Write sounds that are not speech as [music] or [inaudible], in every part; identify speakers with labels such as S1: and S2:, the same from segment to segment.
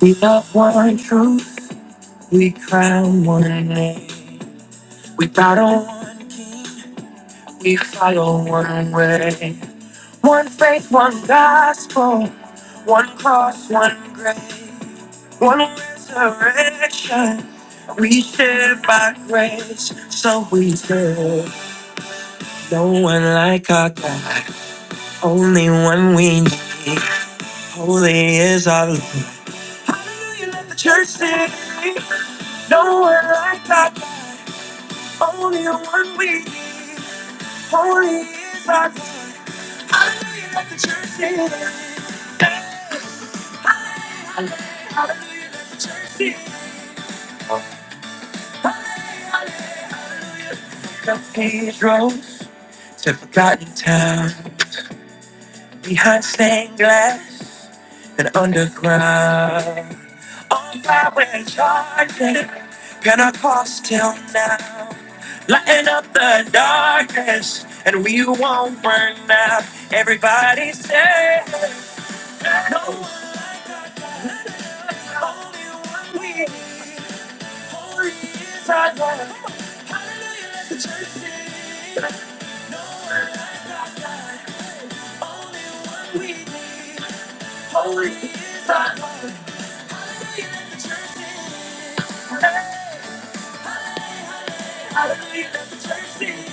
S1: We love one truth, we crown one name. We battle, one, we follow one way. One faith, one gospel, one cross, one grave, one resurrection. We share by grace, so we serve. No one like our God, only one we need. Holy is our Lord. Hallelujah, let the church sing. No one like our God. Only the one we need. Holy is our God. Hallelujah, let the church sing. Hallelujah, hallelujah, let the church sing. Hallelujah, Cathedrals to forgotten town behind stained glass and underground. On fire and charging, Pentecostal now, lighting up the darkness, and we won't burn out. Everybody say, no one, only one we, need. holy is our God. Hide the church sing, no one like our God. One we need, holy is our God. Hey, Hallelujah, let the church sing.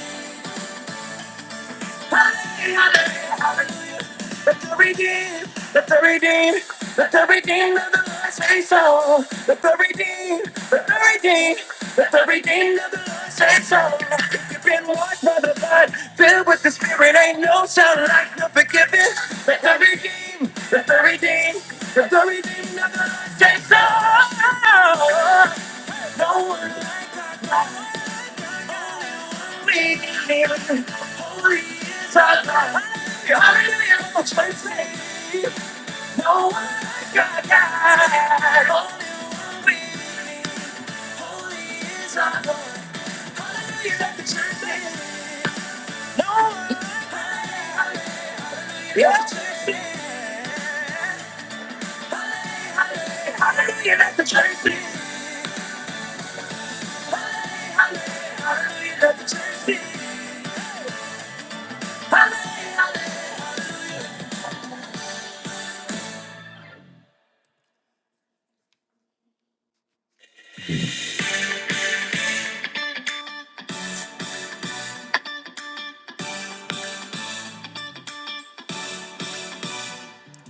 S1: Hallelujah. Let the redeemed, let the redeemed, let the redeemed of the Lord say so. Let the redeemed, let the redeemed, let the redeemed of the Lord say so. If you've been washed by the blood, filled with the Spirit, ain't no sound like the forgiven. Let the redeemed, let the redeemed, let the redeemed of the Lord say so. No one like my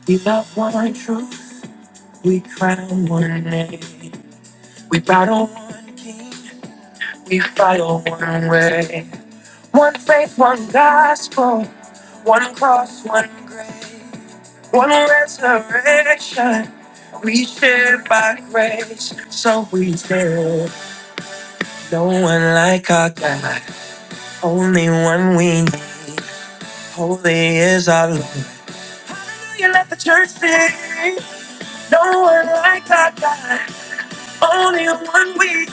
S1: we love one truth, we crown one name, we battle one king. We follow one way. One faith, one gospel. One cross, one grave. One resurrection. We share by grace. So we share. No one like our God. Only one we need. Holy is our Lord. You let the church sing. No one like our God. Only one we need.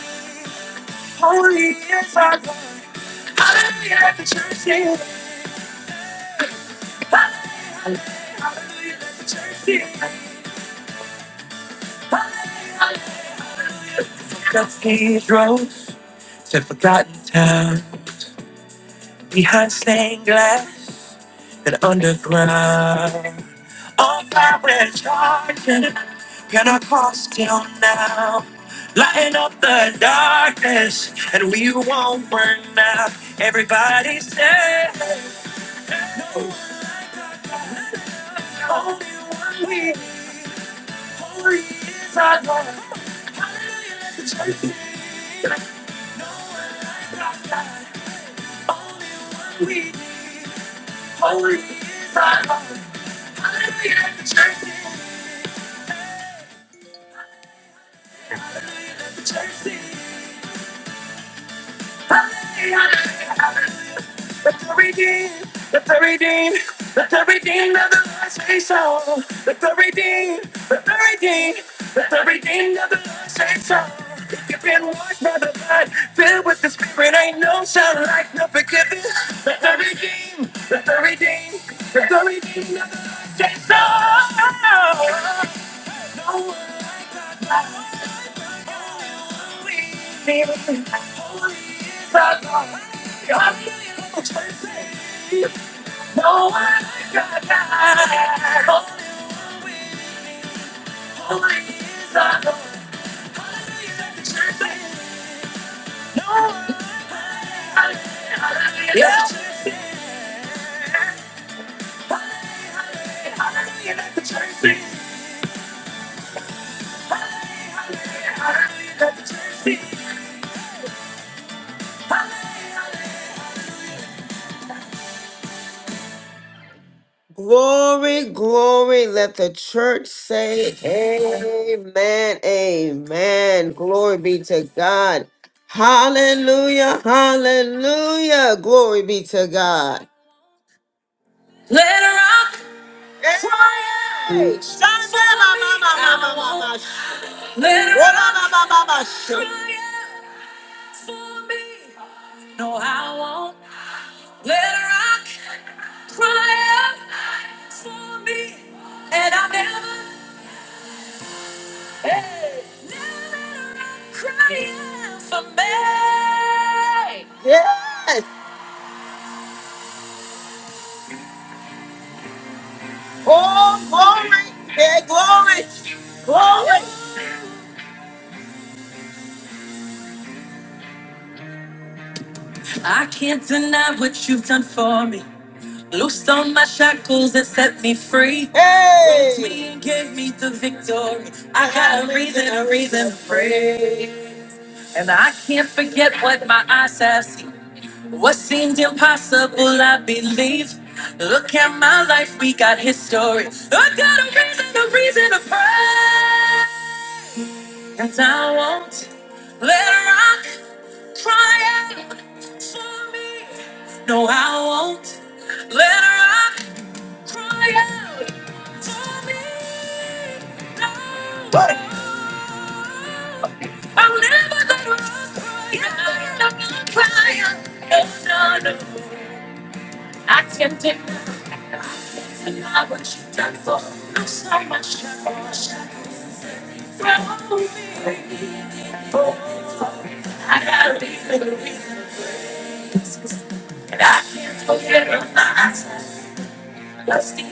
S1: Holy is our God. Hallelujah, let the church sing. Cathedrals to forgotten towns behind stained glass and underground. On fire we're charging, Pentecostal now. Lighting up the darkness, and we won't burn out. Everybody say, no, only one we. need. Holy is our God. Hallelujah, let the church sing. No one like our God. Only one we need. Holy is our God. Hallelujah, let the church sing. Hallelujah, let the church sing. Hallelujah, Let the redeemed, let the redeemed, let the redeemed of the Lord say so. Let the redeemed, let the redeemed, let the redeemed of the Lord say so. If you've been washed by the blood, filled with the Spirit, ain't no sound like no forgiveness. Let the redeemed, let the redeemed, let the redeemed of the Lord say so. No one like holy, holy is our God. Hallelujah. No one like our Holy, is the Lord. Let the church sing. Yeah. Hallelujah. Let the church sing. Hallelujah. Hallelujah. Let the church sing. Glory, glory. Let the church say amen. Amen. Glory be to God. Hallelujah. Hallelujah. Glory be to God. Let her rock. Hey. Cry out. Shout, shout, mama, mama, mama. Let her rock cry out for me. No, I won't. Let her rock cry out for me. And I never, hey, never let her rock cry out for me. Yes. Oh, glory. Yeah, glory. Glory. I can't deny what you've done for me. Loosed on my shackles and set me free. Hey! Raised me and gave me the victory. I got a reason, a reason to praise. And I can't forget what my eyes have seen. What seemed impossible, I believe. Look at my life, we got history. I got a reason, a reason to praise. And I won't let rock cry out for me. No, I won't let rock Cry out for me. No. What? I'm never gonna cry out. I'm not crying. No, no, no. I can't take it. and not what you've done for me. I'm so much more shy from me. Oh, I gotta be the reason. And I can't forget about myself. Stay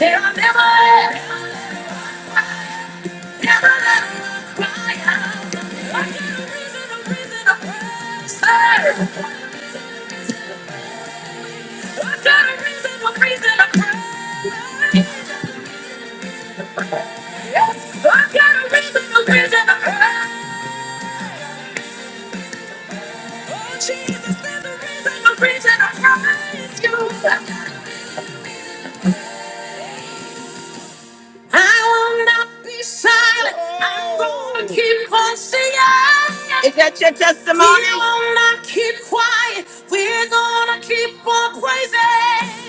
S1: on Keep on singing. Is that your testimony? We will not keep quiet. We're gonna keep on praising.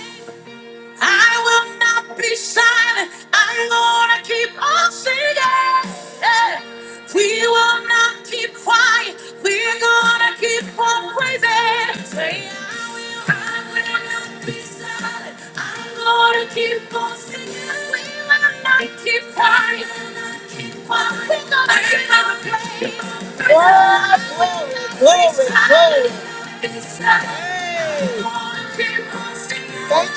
S1: I will not be silent. I'm gonna keep on singing. Yeah. We will not keep quiet. We're gonna keep on praising. Say, I will, I will not be silent. I'm gonna keep on singing. We will not keep quiet. Yeah, glory, glory, glory. Hey. Thank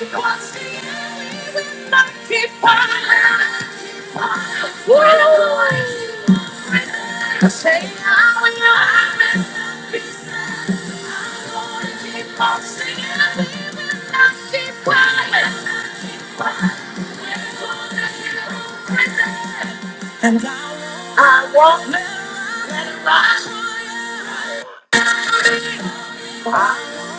S1: you, Lord. And I won't let it ride.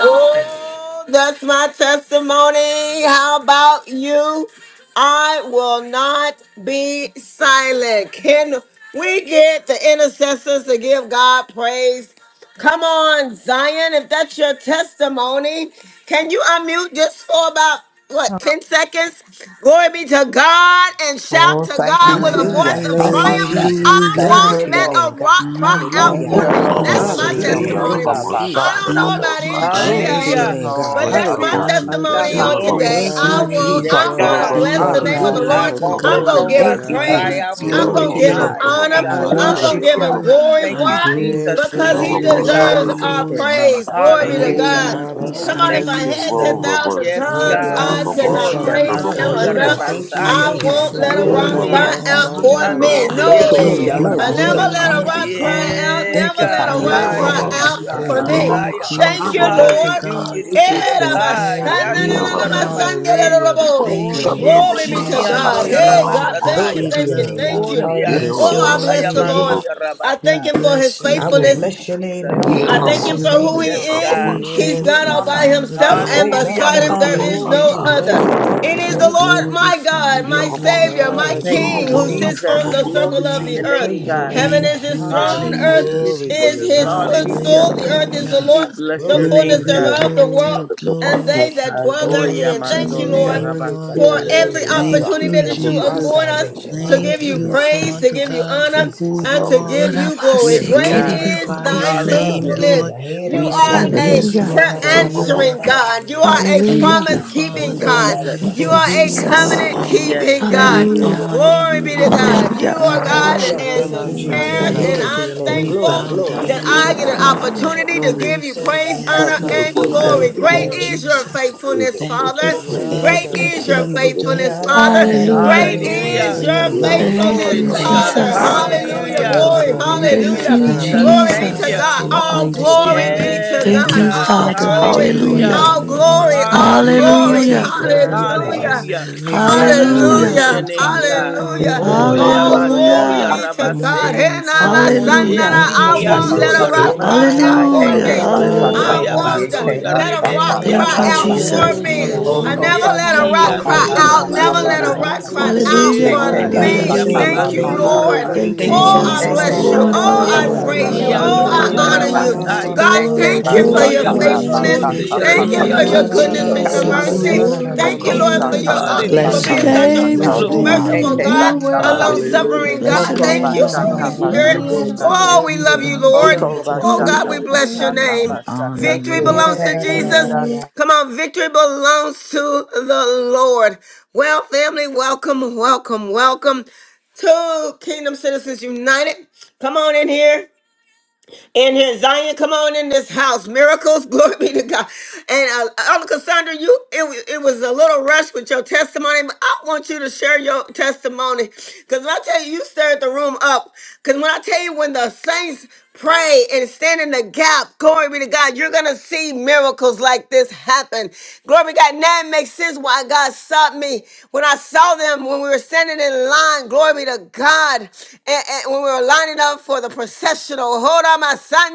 S1: Oh, that's my testimony. How about you? I will not be silent. Can we get the intercessors to give God praise Come on, Zion, if that's your testimony, can you unmute just for about
S2: Oh,
S1: what 10 seconds? Glory be to God and shout
S3: Oh,
S1: to
S3: thank
S1: God
S3: you,
S1: with a
S3: Jesus.
S1: voice
S4: Hallelujah.
S1: of
S4: Thank you,
S3: Hamashata.
S1: triumph.
S4: Jesus.
S1: I
S3: Thank
S4: Glory
S3: you,
S1: won't
S5: Hallelujah.
S4: to your
S1: let
S3: Lord.
S4: name,
S1: a rock
S4: God.
S5: I
S1: cry
S5: will
S1: out
S3: Thank
S1: for
S4: Hallelujah.
S3: you,
S1: me.
S5: not be
S3: Lord.
S1: That's my
S6: Olabosite
S4: Hallelujah.
S7: Hallelujah.
S1: testimony.
S4: Thank
S3: Hoshokunda
S4: you,
S5: silenced.
S1: I
S6: Yalabosanda
S1: don't
S4: Jesus.
S3: lasata.
S1: know
S5: Thank
S1: about
S5: you,
S6: Babosata
S4: Glory
S1: anybody
S4: to
S3: Thank
S1: else,
S4: your
S3: you,
S8: Hallelujah.
S4: name,
S5: Jesus.
S4: God.
S1: but
S3: Lord.
S1: that's my
S4: Hallelujah.
S5: I
S6: Yalabosite
S5: will
S3: Hoshokunda
S1: testimony
S3: lasata.
S1: on
S5: keep
S6: Yalabosanda
S8: Glory.
S5: on
S1: today.
S4: Thank you,
S7: My
S1: I
S5: singing.
S1: won't,
S8: Yes,
S1: I'm
S4: Jesus.
S3: Oh,
S7: Jesus.
S1: gonna
S8: God.
S1: bless the
S5: Thank you,
S1: name of
S3: thank
S6: Babosata
S1: the
S3: you,
S4: Hallelujah.
S8: I
S1: Lord.
S5: Father
S8: won't
S3: Lord.
S1: I'm
S8: let
S7: Glory
S1: gonna
S9: Yes,
S8: no
S5: God.
S7: to
S1: give him
S6: Yalabosite
S4: Thank
S8: rocks
S4: you,
S3: Hoshokunda
S8: cry
S1: praise.
S5: I
S7: God.
S4: Jesus.
S8: out for
S3: lasata.
S1: I'm
S5: honor
S4: Glory
S1: gonna
S4: to
S8: me.
S4: your
S1: give him
S5: you.
S4: name,
S8: Hi,
S6: Yalabosanda
S8: yeah,
S4: God.
S1: honor.
S5: I
S3: Eke
S8: God.
S1: I'm
S6: Babosata
S1: gonna
S4: Hallelujah.
S5: worship
S1: give
S8: Hallelujah.
S1: him
S5: you.
S3: hoshokunda
S1: glory.
S8: Thank
S5: I
S8: you,
S3: lasata.
S6: Yalabosite
S1: Why?
S4: Hallelujah.
S7: Yes,
S8: Jesus.
S7: this
S1: because
S5: glorify
S7: is
S4: Thank
S1: he
S8: Glory
S5: your
S7: the
S4: you,
S8: to
S7: day
S4: Jesus.
S3: Oko
S6: Yalabosanda
S8: God.
S1: deserves
S5: name,
S7: that you
S1: our
S5: Lord.
S3: shike
S6: Babosata
S1: praise.
S3: manda
S7: have
S1: Glory be
S5: I
S1: to
S3: tata.
S5: will
S7: made,
S8: Hallelujah.
S6: Yalabosite
S1: God.
S5: not be
S7: Father. I
S1: Come
S3: Oko
S1: on, if
S8: Thank
S1: I
S7: thank
S8: you,
S7: you.
S5: silenced,
S1: had
S3: shike
S8: Jesus.
S5: Lord.
S3: manda
S1: 10,000
S3: kuno
S8: Yes,
S5: I
S6: Olabosite
S1: tongues,
S8: God.
S3: shike
S7: Ora
S1: I
S5: thank
S1: could
S5: you,
S3: manda.
S8: Oh,
S1: not
S6: Yalabosanda
S8: ya
S5: Father
S1: praise him
S8: mando ya
S7: sandarabashi.
S5: God.
S4: Hallelujah.
S1: enough.
S3: Oko
S6: Babosata
S4: Thank you,
S1: I
S8: rabasaya.
S5: Thank
S3: shike
S5: you
S1: won't
S4: Jesus.
S3: manda
S5: for
S1: let a
S4: Glory to
S5: who
S1: rock
S4: your
S3: koko
S4: name,
S8: Bonde
S5: you
S1: cry
S6: Yalabosite
S4: God.
S3: mata.
S8: si
S5: are.
S1: out
S8: i
S1: for
S4: Hallelujah.
S8: ando
S1: me.
S8: de
S5: I
S3: Oko
S5: give
S8: yere
S1: No,
S6: Yalabosanda
S4: Glory,
S8: ya
S5: you
S1: I
S3: shanda
S4: glory,
S8: baso.
S1: never
S4: glory.
S7: Iandaramasandaramasandarobosoria.
S1: let
S3: shaka
S1: a
S6: Babosata
S5: glory,
S1: rock
S4: Hallelujah.
S3: basaka.
S1: cry
S5: honor,
S1: out,
S8: Yeah,
S4: Thank
S1: never
S4: you,
S1: let a
S4: Father.
S8: God.
S5: and
S1: rock
S8: Hi,
S1: cry
S3: Kosha
S4: Glory
S1: out
S5: praise.
S4: to
S8: Andoya
S3: Kanda
S6: Yalabosite
S4: your
S1: for
S7: Nandarabase.
S4: name, God.
S1: me.
S3: Lasa
S5: Thank
S8: Rabasaya.
S5: you,
S6: Yalabosanda
S1: Thank
S3: Kalasha
S1: you,
S4: Hallelujah.
S5: Father
S1: Lord.
S8: Hallelujah,
S5: God,
S6: Babosata
S4: Thank you,
S1: Eh,
S8: Jesus.
S3: Kete
S5: for
S4: Jesus.
S1: Rabba,
S8: Hi,
S3: Manda
S1: Shanna, na,
S6: Yeah,
S3: Losho
S1: na, na,
S8: Andoya
S1: ma,
S5: everything.
S6: Robos.
S1: Sanda, da,
S8: Rabase.
S1: da, da,
S7: Hallelujah.
S1: bo.
S4: Thank you,
S5: Thank
S4: Lord.
S8: Onde
S5: you,
S3: Oko
S6: Shabbat
S1: Glory be to
S8: siki
S3: Bashi
S1: God.
S5: Jesus,
S8: Andoya
S6: Satire,
S7: Thank you,
S1: Hey,
S3: Ida
S5: Lord.
S1: God, thank
S6: Robos.
S1: you,
S7: Jesus.
S4: Glory
S5: We
S8: Rabasataya.
S4: to
S1: thank
S4: your
S1: you,
S5: love
S4: name,
S5: you.
S1: thank
S4: God.
S5: We
S1: you.
S8: Onde
S6: Yeah,
S4: Hallelujah.
S5: bless your
S1: Oh, I
S6: Robos.
S1: bless
S8: asotaya
S5: holy
S1: the
S6: Take your
S1: Lord.
S5: name.
S8: Mandoya
S1: I
S6: Robos.
S5: We
S1: thank him
S8: Rabasaya.
S1: for his
S5: bless you,
S4: I
S7: Thank
S4: will
S7: you.
S8: Thank
S1: faithfulness.
S5: Lord.
S8: you,
S4: bless your name
S8: Jesus.
S4: at
S5: We
S4: all
S6: Yeah,
S1: I thank
S4: times.
S5: bless
S1: him
S4: His
S5: you,
S1: for
S6: Robos.
S4: name
S1: who
S5: Lord.
S6: Take
S1: he
S6: your
S8: Yes,
S4: shall
S1: is.
S8: God.
S6: Robos.
S5: We
S4: continuously
S1: He's
S4: be
S7: Yes,
S4: in
S5: thank
S1: God
S7: my
S5: you,
S4: my
S1: all by
S7: Lord.
S4: mouth.
S5: Father
S1: himself,
S6: Yeah,
S5: God,
S1: and
S4: Oh,
S6: Robos.
S8: Hallelujah.
S1: beside
S5: for
S1: him
S4: magnify the
S1: there
S5: who
S6: Robos
S1: is
S4: Lord with
S5: you
S1: no
S4: me.
S6: Satire.
S4: Let
S5: are.
S4: us
S1: other.
S4: exalt
S1: It
S7: Mm.
S4: his
S1: is
S5: We
S1: the
S4: name
S1: Lord
S4: forever.
S1: my
S5: glorify
S1: God,
S6: Yeah,
S1: my
S5: you, Lord.
S6: Robos.
S1: Savior, my
S7: My
S8: Thank
S5: We
S8: you,
S1: King,
S4: Hallelujah.
S1: who
S6: Robos.
S7: Jesus.
S1: sits on
S8: Jesus.
S5: glorify
S1: the
S6: Robos.
S5: your
S1: circle
S8: Glory
S1: of
S8: to
S4: I
S5: name.
S8: your
S1: the
S4: will
S1: earth.
S8: name,
S4: praise your
S8: God.
S4: name,
S1: Heaven is
S5: Thank
S4: God.
S1: his
S5: you,
S1: throne,
S4: Hallelujah.
S1: earth
S4: Thank you,
S8: Hallelujah,
S5: Jesus.
S7: Glory to
S1: is
S7: your
S8: Jesus.
S4: Jesus.
S7: name.
S1: his
S8: Hallelujah.
S1: footstool, the
S4: Thank
S1: earth
S4: you,
S1: is the
S5: Hallelujah.
S8: We
S1: Lord,
S4: Jesus.
S8: bless
S1: the
S8: your
S4: Glory to your
S1: fullness
S8: name,
S5: Glory,
S4: name,
S6: Yeah,
S8: God.
S1: thereof, the
S4: God.
S6: Robos.
S5: glory,
S1: world,
S6: Robos Satire. Yeah, Robos. Yeah, Robos. Robos
S1: and
S5: glory.
S1: they that
S6: Satire.
S1: dwell
S8: Oh,
S5: Glory
S1: therein.
S5: to
S4: Yes,
S1: Thank
S5: your
S1: you,
S8: Yamando,
S1: Lord,
S4: Lord.
S5: name,
S7: Glory to
S5: Lord.
S1: for
S6: Yeah,
S7: your
S4: The
S8: Yarabasatai.
S4: Lord
S1: every
S4: is
S6: Robos.
S7: name.
S4: my
S5: Thank
S1: opportunity
S4: rock,
S5: you,
S8: Thank
S1: that
S8: you,
S1: you
S6: Robos.
S4: my
S6: Robos.
S5: Jesus.
S1: afford
S8: Jesus.
S1: us
S4: salvation.
S1: to give
S5: Thank
S1: you
S5: you,
S4: Hallelujah.
S1: praise, to
S5: Father
S1: give you
S4: Thank you,
S5: God,
S1: honor
S5: for who
S4: Jesus.
S1: and
S5: you
S1: to
S5: are.
S1: give you
S5: We
S1: glory.
S8: Yes,
S1: Great
S8: God.
S1: is
S5: glorify your
S1: thy
S10: Rabasikiriribukosho.
S5: name,
S8: Hallelujah.
S1: faithfulness.
S5: Lord.
S4: Hallelujah. Hey da
S1: You
S5: We
S4: da da
S1: are
S4: da
S5: said
S4: da bo
S1: a
S7: Thank
S5: yes,
S7: you,
S4: shi
S10: Hallelujah.
S4: ya
S1: prayer
S4: da
S5: Lord,
S3: Oko
S4: da
S5: to
S7: Father.
S4: da da
S5: you.
S4: da da
S1: answering
S4: da da bo
S3: Manda
S4: bo
S1: God. You
S4: ya
S3: Kalasa
S4: da.
S1: are a
S10: Hallelujah.
S5: Thank you,
S1: promise
S8: Thank
S4: Hey
S5: Father
S1: keeping
S8: you,
S4: da
S3: Oko
S4: da da
S5: God,
S1: God.
S4: da
S8: Jesus.
S3: Basha
S4: da
S10: Thank
S4: da
S1: You
S5: for
S10: you,
S4: da.
S1: are a
S5: who
S7: Thank you,
S3: Kamasha
S10: Jesus.
S5: you
S1: covenant
S7: Lord
S5: are.
S8: Yes,
S1: keeping
S7: Jesus.
S1: God.
S5: We
S8: God.
S6: Yeah,
S3: Oko
S10: Hallelujah.
S5: honor
S3: Basha
S1: Glory
S5: you,
S1: be
S6: Robos.
S1: to
S3: Kamasha
S5: Lord.
S1: God. You
S10: Hallelujah.
S3: Kalasa
S1: are
S5: We
S1: God that
S5: worship
S4: Hallelujah.
S5: your
S4: Thank
S7: Rama
S1: answers
S4: you,
S5: holy
S4: Jesus.
S1: prayers,
S3: Ete
S1: and
S10: Thank
S4: Glory
S5: name.
S10: you.
S4: to
S1: I'm
S4: your
S3: Masha
S4: name.
S5: We
S7: Sandarabashe.
S4: Glory,
S1: thankful
S5: bow
S3: Kamasha
S5: down
S4: glory.
S1: that
S5: at
S1: I
S8: Hallelujah.
S5: your
S7: Thank
S4: glory.
S1: get
S7: you,
S1: an
S3: Kunda
S5: feet
S7: Father.
S1: opportunity to
S5: and
S8: Glory.
S5: we
S1: give you
S5: say,
S3: Kunda
S1: praise,
S8: Thank
S5: Yes,
S1: honor,
S6: Thank
S3: Lasa
S8: you,
S7: Rama
S6: you,
S5: Lord.
S1: and
S6: know,
S8: Jesus.
S1: glory.
S3: Kamasha
S7: Sete.
S5: Thank
S4: Hallelujah.
S1: Great
S5: you,
S4: Thank
S1: is
S7: Yes.
S1: your
S4: you,
S5: Jesus.
S4: Jesus.
S1: faithfulness,
S6: for to
S5: Thank you
S4: Thank
S6: say
S1: Father.
S4: you,
S3: Oko Basha
S5: for
S3: Kamasha Oko
S6: you
S3: Manda
S6: love
S4: Jesus.
S1: Great
S6: the
S3: Kalasa
S1: is your
S5: everything you're
S7: Yandarabase.
S6: comfortable
S5: doing.
S4: Yeah,
S1: faithfulness,
S6: sucker,
S4: da da
S1: Father.
S4: da da da da
S5: Thank
S4: da
S5: you,
S9: yes,
S10: Hallelujah.
S1: Great
S4: bo
S1: Great
S4: shi
S5: Lord,
S4: ya
S1: is
S8: Hallelujah.
S5: for
S4: da da.
S7: Thank
S5: your
S1: your
S7: you,
S6: you
S7: Lord
S6: love
S5: love.
S6: the
S9: yes.
S10: Thank
S1: faithfulness,
S8: Glory
S10: you,
S4: Ha
S8: to
S6: comfortable
S4: da
S7: Jesus.
S4: da
S6: sucker,
S5: Thank
S1: Father.
S8: God.
S4: da
S5: you,
S4: da da
S10: Jesus.
S4: da
S5: Father
S4: da ya
S5: God,
S4: da
S1: Hallelujah.
S5: for
S4: da
S8: Hallelujah.
S4: da
S5: your
S7: Ah,
S4: da
S1: Glory.
S4: da.
S7: Rama
S5: glory.
S8: Thank
S6: you
S8: you,
S10: Thank
S6: love
S1: Hallelujah.
S10: you,
S6: the
S4: Yeah,
S5: Thank you,
S4: na
S8: Jesus.
S4: na
S1: Glory
S7: Sandaramase.
S4: na
S1: be
S8: Thank
S4: na
S5: Father
S3: Oko
S1: to
S4: na
S3: Manda
S10: Jesus.
S8: you.
S5: God,
S4: na
S5: for
S1: God.
S4: na na
S6: comfortable
S5: your
S3: Kalasa
S4: na
S6: sucker,
S4: na na
S1: All
S7: Thank
S4: na
S7: you,
S4: ya da
S1: glory
S4: da
S5: understanding.
S1: be
S4: bo
S7: Father.
S4: shi
S1: to
S4: ya
S8: Yes,
S4: da
S10: Thank
S5: We
S1: God.
S10: you,
S4: da.
S5: will
S8: God.
S1: All
S10: Father.
S5: continue to
S1: glory.
S7: Glory
S4: Thank you,
S7: be to
S8: Hallelujah.
S5: praise
S10: Hallelujah.
S7: your
S5: your
S1: All
S4: Father.
S7: name
S5: name.
S1: glory.
S7: today.
S4: Hallelujah.
S1: All
S5: We will
S8: Hallelujah,
S1: glory.
S5: continue
S10: Hallelujah.
S5: to
S8: Jesus.
S4: Thank you,
S5: glorify
S1: Hallelujah.
S4: Jesus.
S5: your
S8: Hallelujah.
S7: Siandarabasete.
S5: name.
S3: Eke
S8: Glory
S5: We
S4: Hallelujah.
S3: bashaka
S10: Hallelujah.
S5: will
S8: to your
S1: Hallelujah.
S5: continue
S8: name,
S3: balata.
S5: to
S8: God.
S5: honor
S7: Hey,
S1: Hallelujah.
S4: Thank you,
S5: you,
S8: Oh,
S4: Lord.
S5: Lord.
S1: All
S3: Oko
S8: Yabando
S1: glory
S10: Hallelujah.
S1: be
S7: Amasoriandarabas.
S3: aka
S1: to
S5: Honor
S1: God.
S8: Yarabase.
S3: shaka
S1: And
S5: belongs to
S1: now,
S3: balata.
S1: my
S5: you,
S1: son, and
S8: Onde
S5: Lord.
S7: Hallelujah,
S10: Hallelujah.
S4: Thank you,
S1: I I
S3: Aka
S1: won't
S5: Thank
S1: let
S7: hallelujah.
S8: Sikiando
S1: a
S5: you,
S4: Jesus.
S3: bashaka.
S4: Yeah,
S1: rock
S4: na, na,
S5: Father
S1: cry
S4: na, na, na,
S1: out
S5: God.
S4: na,
S8: Yarabasataya.
S1: for
S4: na, na,
S10: Hallelujah.
S4: na,
S3: Eke
S1: me.
S4: ba, ya,
S5: Honor
S4: da,
S8: Oh,
S3: bashaka
S10: Hallelujah.
S4: da,
S1: I
S4: bo, shi,
S5: belongs
S1: want
S4: ya,
S7: Yandarabaso.
S5: to
S1: to
S4: da.
S8: Yabando
S3: bayeke
S1: let
S5: you,
S1: a
S4: Yeah,
S3: basaka
S1: rock
S5: God.
S4: na, na,
S8: Yarebendia
S4: na,
S10: Thank
S1: cry
S10: you,
S4: na, na,
S1: out
S3: balata.
S4: na,
S8: Baso.
S4: na,
S1: for
S10: Jesus.
S7: Hallelujah,
S4: bo,
S5: Thank
S1: me.
S4: shi,
S5: you,
S4: ya, da, ba,
S1: I
S3: Oko
S4: ba, ba.
S7: hallelujah,
S1: never
S8: Onde
S5: Jesus,
S1: let a
S3: bashaka
S1: rock
S11: Hallelujah.
S4: Thank you,
S5: for
S1: cry
S8: Siando
S11: Thank you,
S1: out.
S5: who
S4: Jesus.
S3: balashaka
S6: you
S1: Never
S5: you
S4: From
S1: let
S4: the
S1: a
S11: Jesus.
S8: Yarabasataya.
S5: are,
S1: rock
S3: bashaka.
S4: rising
S1: cry
S4: of the
S11: Glory
S4: sun to
S1: out
S11: to
S4: the
S10: Hallelujah.
S8: Eh,
S11: your
S1: for
S3: Eke
S4: going
S8: God.
S5: for
S4: down
S11: name,
S4: of
S10: Hallelujah.
S4: the
S8: Eh,
S1: me.
S11: Lord
S5: what
S3: bashaka
S5: you
S4: same,
S12: Hallelujah.
S5: are
S4: your
S1: Thank
S11: Jesus.
S1: you,
S4: name
S8: Yababando
S5: doing,
S4: will
S3: balata.
S4: be
S1: Lord.
S3: kam.
S10: Thank
S4: praised.
S7: hallelujah.
S10: you,
S5: for
S12: Thank
S8: Yarabase.
S4: Hey,
S12: you,
S1: Oh,
S4: da,
S5: your
S11: Glory
S4: da,
S12: Jesus.
S11: to
S1: I
S4: da,
S11: your
S10: Jesus.
S4: da,
S3: Eke
S4: da,
S1: bless
S5: love,
S4: da,
S11: name,
S1: you.
S4: da,
S6: love
S10: Glory,
S6: the
S4: da,
S11: Heavenly
S4: ba,
S1: Oh,
S10: glory,
S3: bashaka
S8: Onde
S4: ya,
S5: for
S1: I
S11: Father.
S10: glory,
S4: da.
S12: Hallelujah.
S5: your
S11: We
S1: praise you.
S10: glory.
S1: Oh,
S3: balata
S11: love
S5: love
S11: you this
S4: Yeah,
S5: and your
S12: Hallelujah.
S8: Siando
S4: na,
S7: Sandarabashete.
S4: na,
S1: I
S11: morning,
S4: na,
S1: honor
S4: na,
S3: kabalata.
S11: Lord
S4: na,
S1: you.
S12: Hallelujah.
S4: na, na, na,
S11: Jesus.
S5: understanding.
S4: na,
S8: Yarabasaya.
S1: God,
S4: na, ba,
S3: Eke
S4: ya,
S10: Glory,
S1: thank
S4: da, da,
S1: you
S4: bo,
S1: for
S10: glory,
S8: Oh,
S12: Glory
S5: Thank
S4: shi,
S1: your
S3: bashaka
S4: ya,
S12: to
S4: da,
S5: you,
S4: da.
S12: your
S10: glory.
S11: Glory to your
S1: faithfulness.
S3: balata
S8: Yamasonde
S4: Ee,
S5: Jesus.
S12: name.
S11: name.
S4: shi, da, da,
S1: Thank
S7: Thank
S1: you
S4: ya,
S3: kakaka
S4: na,
S1: for
S7: you.
S10: Thank
S4: na, na,
S1: your
S10: you,
S4: na,
S11: Hallelujah.
S4: na,
S8: Yarehiabaso.
S12: Hallelujah.
S4: na,
S1: goodness
S4: ba,
S1: and
S4: ya,
S1: your
S4: da,
S3: kushikika.
S4: da, ba, ya,
S11: Hallelujah.
S10: Jesus.
S1: mercy.
S4: na,
S8: Thank
S4: na,
S5: Hallelujah.
S8: you,
S4: na, na,
S12: Glory
S1: Thank
S4: bo,
S3: Hoko
S12: to
S1: you,
S4: shi,
S12: your
S4: ya,
S1: Lord,
S11: Thank
S5: Thank
S1: for
S4: da.
S11: you,
S8: Jesus.
S5: you
S3: shaka
S1: your uh,
S11: precious
S12: name.
S5: for
S4: Thank you,
S1: for
S5: your
S10: Bless
S3: bashaka
S12: God.
S10: your
S8: Hallelujah.
S1: being
S11: Father.
S7: Ramasandarabashe.
S1: such a
S4: Jesus.
S10: name
S1: fa-
S11: We
S3: bashaka.
S5: kindness.
S10: this
S4: Glory to your
S8: Glory.
S6: God.
S11: glorify
S5: Thank
S4: name,
S5: you,
S1: merciful
S11: you
S10: morning.
S3: Eke
S11: this
S4: God.
S12: You
S5: Lord.
S1: God,
S12: are
S11: morning.
S1: a
S3: bashaka.
S1: long
S5: Thank
S12: worthy.
S8: Hallelujah,
S5: you,
S7: Hallelujah.
S1: suffering
S6: Hallelujah.
S10: Bless
S4: Yeah,
S1: God.
S10: your
S11: Yes,
S3: Hoko
S8: Jesus.
S4: na,
S5: Jesus.
S4: na,
S11: Father.
S10: name
S1: Thank
S4: na,
S1: you,
S4: na, na,
S10: this
S4: na,
S3: bashaka
S5: Thank
S1: Holy
S4: na,
S10: morning.
S4: na,
S6: Yeah,
S5: you,
S4: ba,
S6: the
S1: Spirit.
S4: ya.
S5: God.
S3: basheke
S12: Higher
S6: most,
S11: Thank
S12: than
S11: you,
S3: bashi.
S12: the
S1: Oh,
S11: Lord
S1: we
S5: We
S7: Thank
S1: love
S7: you.
S11: Jesus.
S1: you,
S5: bow
S6: yeah,
S12: mountain.
S6: you
S5: down
S1: Lord.
S3: Hoko
S6: love the
S5: at your
S1: Oh
S11: Thank you,
S5: feet.
S1: God,
S3: bashaka
S1: we
S11: precious
S1: bless
S6: most,
S1: your
S11: Father.
S3: bashaka
S1: name.
S5: We honor
S3: bashaka.
S7: Thank
S5: you,
S1: Victory
S5: Lord.
S7: you.
S4: Yeah, da,
S1: belongs
S4: da,
S1: to
S4: da,
S6: yeah,
S4: da,
S3: Eke
S4: da, da,
S6: the
S4: ba,
S6: most.
S12: Hallelujah.
S1: Jesus.
S4: ya.
S3: shaka.
S1: Come on, victory belongs to the Lord. Well, family, welcome, welcome, welcome to Kingdom Citizens United. Come on in here in here. Zion, come on in this house. Miracles, [laughs] glory be to God. And uh, Elder Cassandra, you it, it was a little rush with your testimony, but I want you to share your testimony because when I tell you, you stirred the room up. Because when I tell you, when the saints pray and stand in the gap. Glory be to God. You're going to see miracles like this happen. Glory be to God. Now it makes sense why God sought me when I saw them when we were standing in line. Glory be to God. And, and when we were lining up for the processional. Hold on, so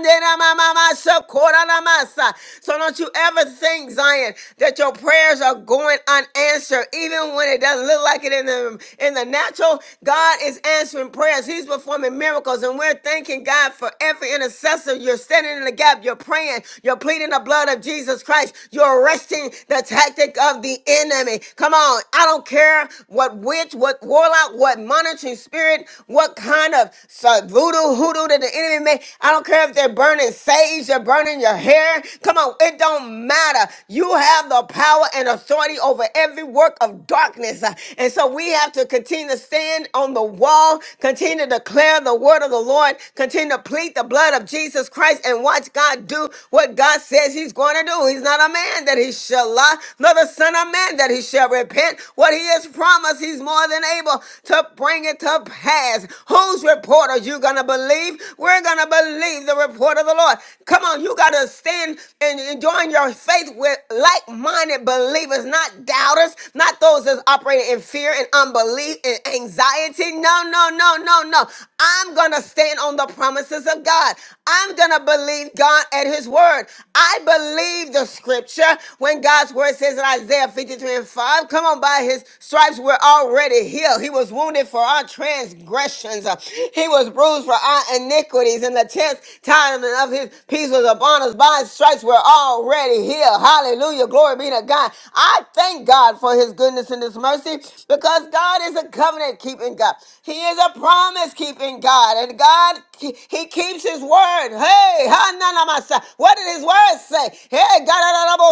S1: don't you ever think, Zion, that your prayers are going unanswered, even when it doesn't look like it in the in the natural. God is answering prayers. He's performing miracles, and we're thanking God for every intercessor. You're standing in the gap. You're praying. You're pleading the blood of Jesus Christ. You're arresting the tactic of the enemy. Come on, I don't care what witch, what warlock, what monitoring spirit, what kind of uh, voodoo hoodoo that the enemy made. I don't care don't care if they're burning sage, they're burning your hair. Come on, it don't matter. You have the power and authority over every work of darkness. Uh, And so we have to continue to stand on the wall, continue to declare the word of the Lord, continue to plead the blood of Jesus Christ, and watch God do what God says He's going to do. He's not a man that He shall lie, nor the Son of Man that He shall repent. What He has promised, He's more than able to bring it to pass. Whose report are you going to believe? We're going to believe believe the report of the Lord. Come on, you got to stand and and join your faith with like minded believers, not doubters, not those that's operating in fear and unbelief and anxiety. No, no, no, no, no. I'm going to stand on the promises of God. I'm going to believe God at His word. I believe the scripture when God's word says in Isaiah 53 and 5, come on, by His stripes we're already healed. He was wounded for our transgressions, Uh, He was bruised for our iniquities, and the chance stripes, time and of his peace was upon us. By his stripes, we're already healed. Hallelujah. Glory be to God. I thank God for his goodness and his mercy because God is a covenant keeping God. He is a promise keeping God. And God, he he keeps his word. Hey, hananamasa. what did his word say? Hey, God,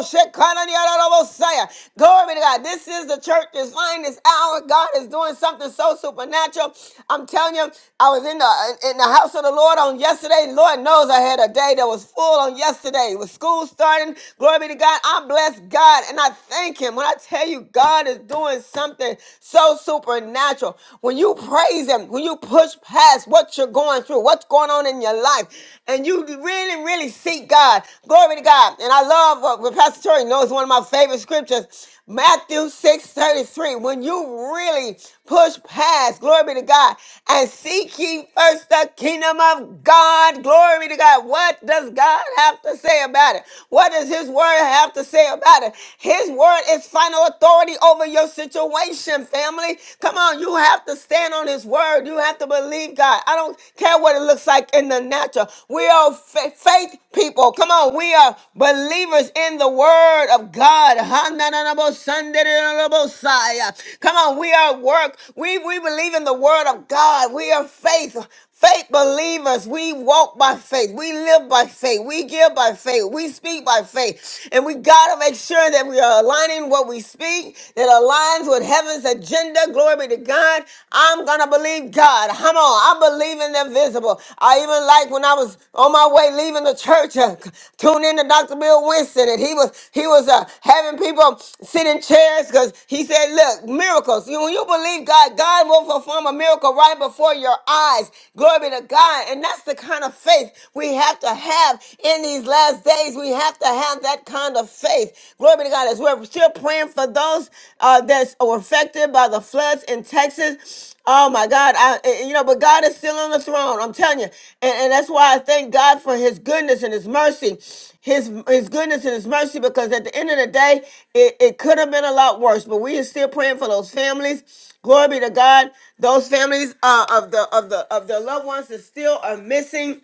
S1: glory be to God. This is the church's line this hour. God is doing something so supernatural. I'm telling you, I was in the in the house of the Lord on yesterday. And Lord knows I had a day that was full on yesterday with school starting. Glory be to God. I bless God and I thank Him. When I tell you, God is doing something so supernatural. When you praise Him, when you push past what you're going through, what's going on in your life, and you really, really seek God. Glory be to God. And I love what what Pastor Tori knows one of my favorite scriptures. Matthew six thirty-three. When you really push past, glory be to God, and seek ye first the kingdom of God, Glory to God. What does God have to say about it? What does His word have to say about it? His word is final authority over your situation, family. Come on, you have to stand on His word. You have to believe God. I don't care what it looks like in the natural. We are fa- faith people people. Come on, we are believers in the word of God. Ha-na-na-na-bo-sun-da-da-da-da-bo-sai. Come on, we are work. We we believe in the word of God. We are faith. Faith believers, we walk by faith, we live by faith, we give by faith, we speak by faith, and we gotta make sure that we are aligning what we speak that aligns with heaven's agenda. Glory be to God. I'm gonna I believe God. Come on. I believe in the visible. I even like when I was on my way leaving the church, uh, tuned in to Dr. Bill Winston, and he was he was uh, having people sit in chairs because he said, "Look, miracles. You- When you believe God, God will perform a miracle right before your eyes. Glory be to God." And that's the kind of faith we have to have in these last days. We have to have that kind of faith. Glory be to God. God, as we're still praying for those uh, that were affected by the floods in Texas. Oh my God, I, I- you know, but God is still on the throne. I'm telling you, and, and that's why I thank God for His goodness and His mercy, His His goodness and His mercy. Because at the end of the day, it, it could have been a lot worse, but we are still praying for those families. Glory be to God. Those families uh, of the of the of the loved ones that still are missing.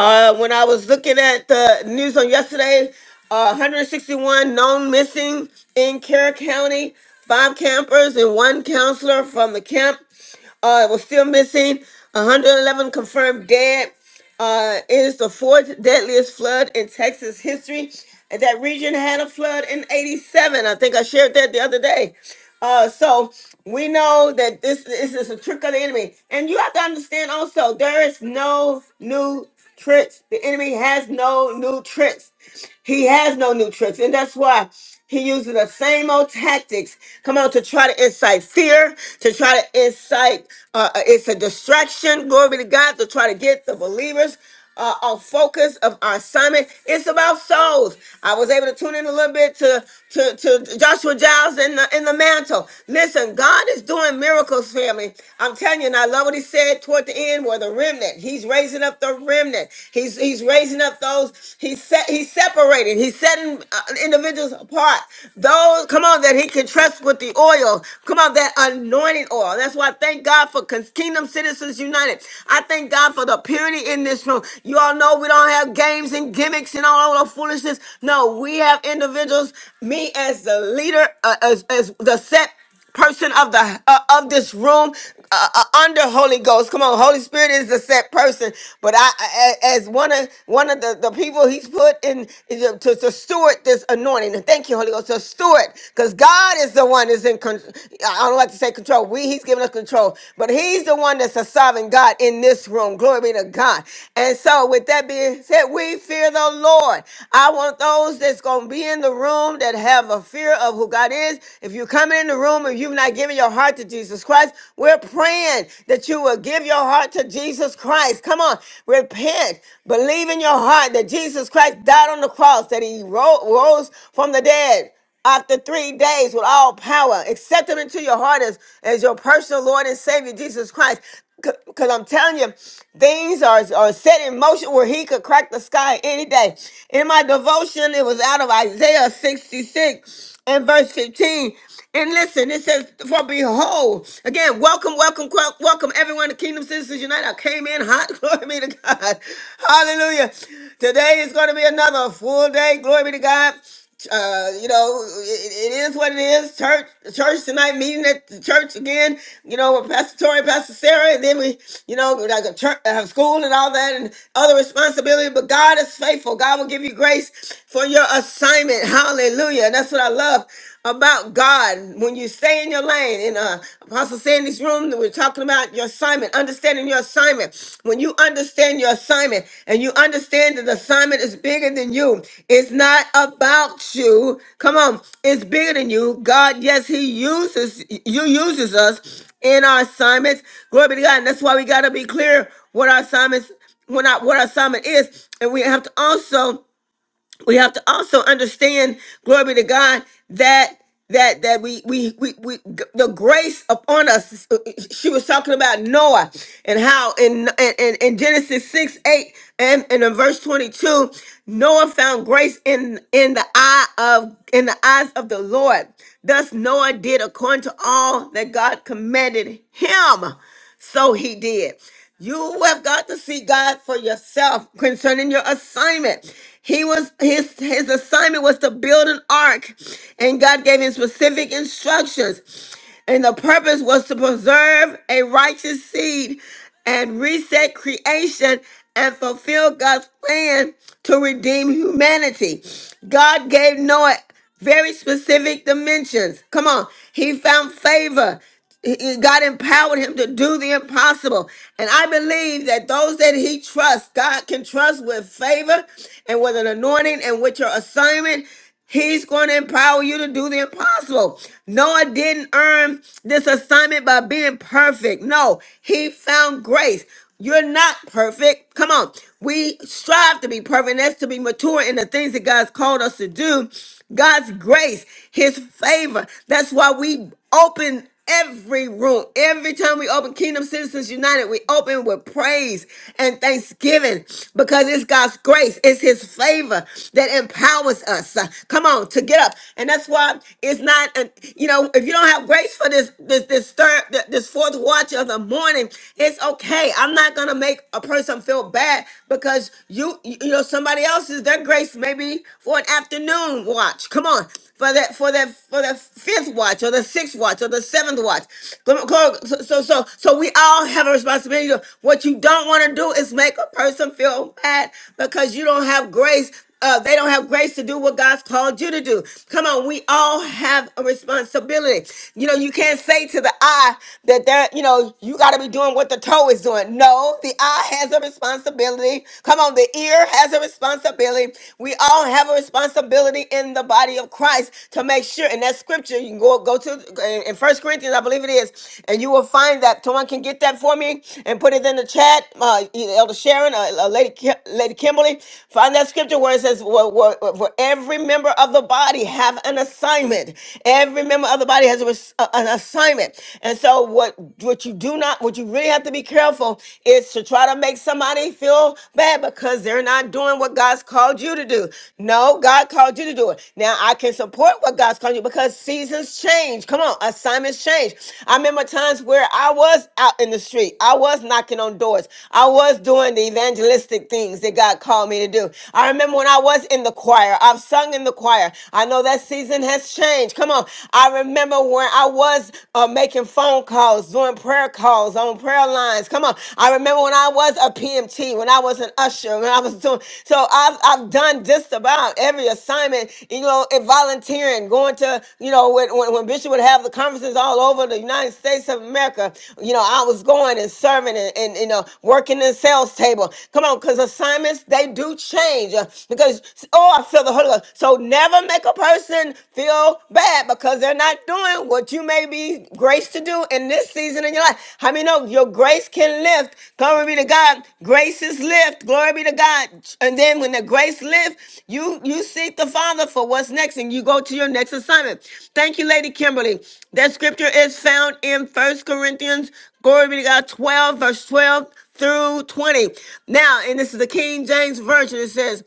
S1: Uh, when I was looking at the news on yesterday, uh, 161 known missing in Kerr County, five campers and one counselor from the camp. Uh, it was still missing 111 confirmed dead. Uh, it is the fourth deadliest flood in Texas history. And that region had a flood in 87. I think I shared that the other day. Uh, so we know that this, this is a trick of the enemy. And you have to understand also, there is no new tricks. The enemy has no new tricks. He has no new tricks. And that's why he uses the same old tactics. Come on, to try to incite fear, to try to incite, uh, uh, it's a distraction, glory be to God, to try to get the believers uh, our focus of our assignment. It's about souls. I was able to tune in a little bit to to, to Joshua Giles in the in the mantle. Listen, God is doing miracles, family. I'm telling you, and I love what he said toward the end, where the remnant. He's raising up the remnant. He's He's he's raising up those he's set he's separating. He's setting uh, individuals apart. Those come on that he can trust with the oil. Come on that anointing oil. That's why I thank God for Cons- Kingdom Citizens United. I thank God for the purity in this room. You all know we don't have games and gimmicks and all the foolishness. No, we have individuals. Me as the leader, uh, as as the set person of the uh, of this room uh, uh, under Holy Ghost. Come on, Holy Spirit is the set person. But I, I a- as one of one of the, the people He's put in to, to, to steward this anointing. And thank you, Holy Ghost, to steward, because God is the one that's in. Con- I don't like to say control. We He's giving us control, but He's the one that's a sovereign God in this room. Glory be to God. And so, with that being said, we fear the Lord. I want those that's gonna be in the room that have a fear of who God is. God is. If you're coming in the room and you've not given your heart to Jesus Christ, we're praying that you will give your heart to Jesus Christ. Come on, repent. Believe in your heart that Jesus Christ died on the cross, that he ro- rose from the dead after three days with all power. Accept him into your heart as, as your personal Lord and Savior, Jesus Christ. Because I'm telling you, things are, are set in motion where he could crack the sky any day. In my devotion, it was out of Isaiah 66 and verse 15. And listen, it says, For behold, again, welcome, welcome, quel- welcome everyone to Kingdom Citizens United. I came in hot, [laughs] glory be to God. Hallelujah. Today is going to be another full day, glory be to God. Uh, you know, it, it is what it is. Church, church tonight, meeting at the church again, you know, with Pastor Tori, Pastor Sarah, and then we, you know, like a church, uh, school and all that and other responsibility. But God is faithful. God will give you grace for your assignment assignment. Hallelujah. That's what I love about God. When you stay in your lane, and uh, Apostle said in this room, that we're talking about your assignment, understanding your assignment. When you understand your assignment and you understand that the assignment is bigger than you, it's not about you. Come on, it's bigger than you. God, yes, He uses you uses us in our assignments. Glory be to God. And that's why we gotta be clear what our assignments what our, what our assignment is. And we have to also we have to also understand glory to god that that that we we we, we g- the grace upon us uh, uh, she was talking about noah and how in in, in genesis 6 8 and, and in verse 22 noah found grace in in the eye of in the eyes of the lord thus noah did according to all that god commanded him so he did. You have got to see God for yourself concerning your assignment. He was his his assignment was to build an ark, and God gave him specific instructions. And the purpose was to preserve a righteous seed and reset creation and fulfill God's plan to redeem humanity. God gave Noah very specific dimensions. Come on. He found favor he- he- God empowered him to do the impossible. And I believe that those that he trusts, God can trust with favor and with an anointing and with your assignment. He's going to empower you to do the impossible. Noah didn't earn this assignment by being perfect. No, he found grace. You're not perfect. Come on. We strive to be perfect. and That's to be mature in the things that God's called us to do. God's grace, his favor. That's why we open every room. Every time we open Kingdom Citizens United, we open with praise and thanksgiving because it's God's grace, it's His favor that empowers us. Uh, come on, to get up, and that's why it's not. An, you know, if you don't have grace for this, this, this third, th- this fourth watch of the morning, it's okay. I'm not gonna make a person feel bad because you, you know, somebody else's their grace maybe for an afternoon watch. Come on, for that for that for the fifth watch or the sixth watch or the seventh watch. Come- come- So so so, so we all have a responsibility. What you don't want to do is make a person feel bad because you don't have grace uh, they don't have grace to do what God's called you to do. Come on, we all have a responsibility. You know, you can't say to the eye that they're, you know, you got to be doing what the toe is doing. No, the eye has a responsibility. Come on, the ear has a responsibility responsibility. We all have a responsibility in the body of Christ to make sure. And that scripture, you can go go to in First Corinthians, I believe it is, and you will find that. Someone can get that for me and put it in the chat. Uh, either Elder Sharon, or, uh, Lady Ki- Lady Kimberly, find that scripture where it says, "Well, well, well, "For every member of the body have an assignment. Every member of the body has a res- a- an assignment." And so, what what you do not, what you really have to be careful is to try to make somebody feel bad because they're not doing what God's called you to do. No, God called you to do it. Now I can support what God's called you because seasons change. Come on, assignments change. I remember times where I was out in the street, I was knocking on doors, I was doing the evangelistic things that God called me to do. I remember when I was in the choir, I've sung in the choir. I know that season has changed. Come on, I remember when I was uh, making making phone calls, doing prayer calls on prayer lines. Come on. I remember when I was a PMT, when I was an usher, when I was doing so I've I've done just about every assignment, you know, and volunteering, going to, you know, when, when, when Bishop would have the conferences all over the United States of America, you know, I was going and serving and, and you know, working in sales table. Come on, because assignments they do change uh, because oh I feel the Holy Ghost. So never make a person feel bad because they're not doing what you may be graced to do in this season in your life. How many know your grace can lift? Glory be to God. Grace is lift. Glory be to God. And then when the grace lifts, you you seek the Father for what's next and you go to your next assignment. Thank you, Lady Kimberly. That scripture is found in First Corinthians, glory be to God, 12, verse 12 through 20. Now, and this is the King James Version. It says,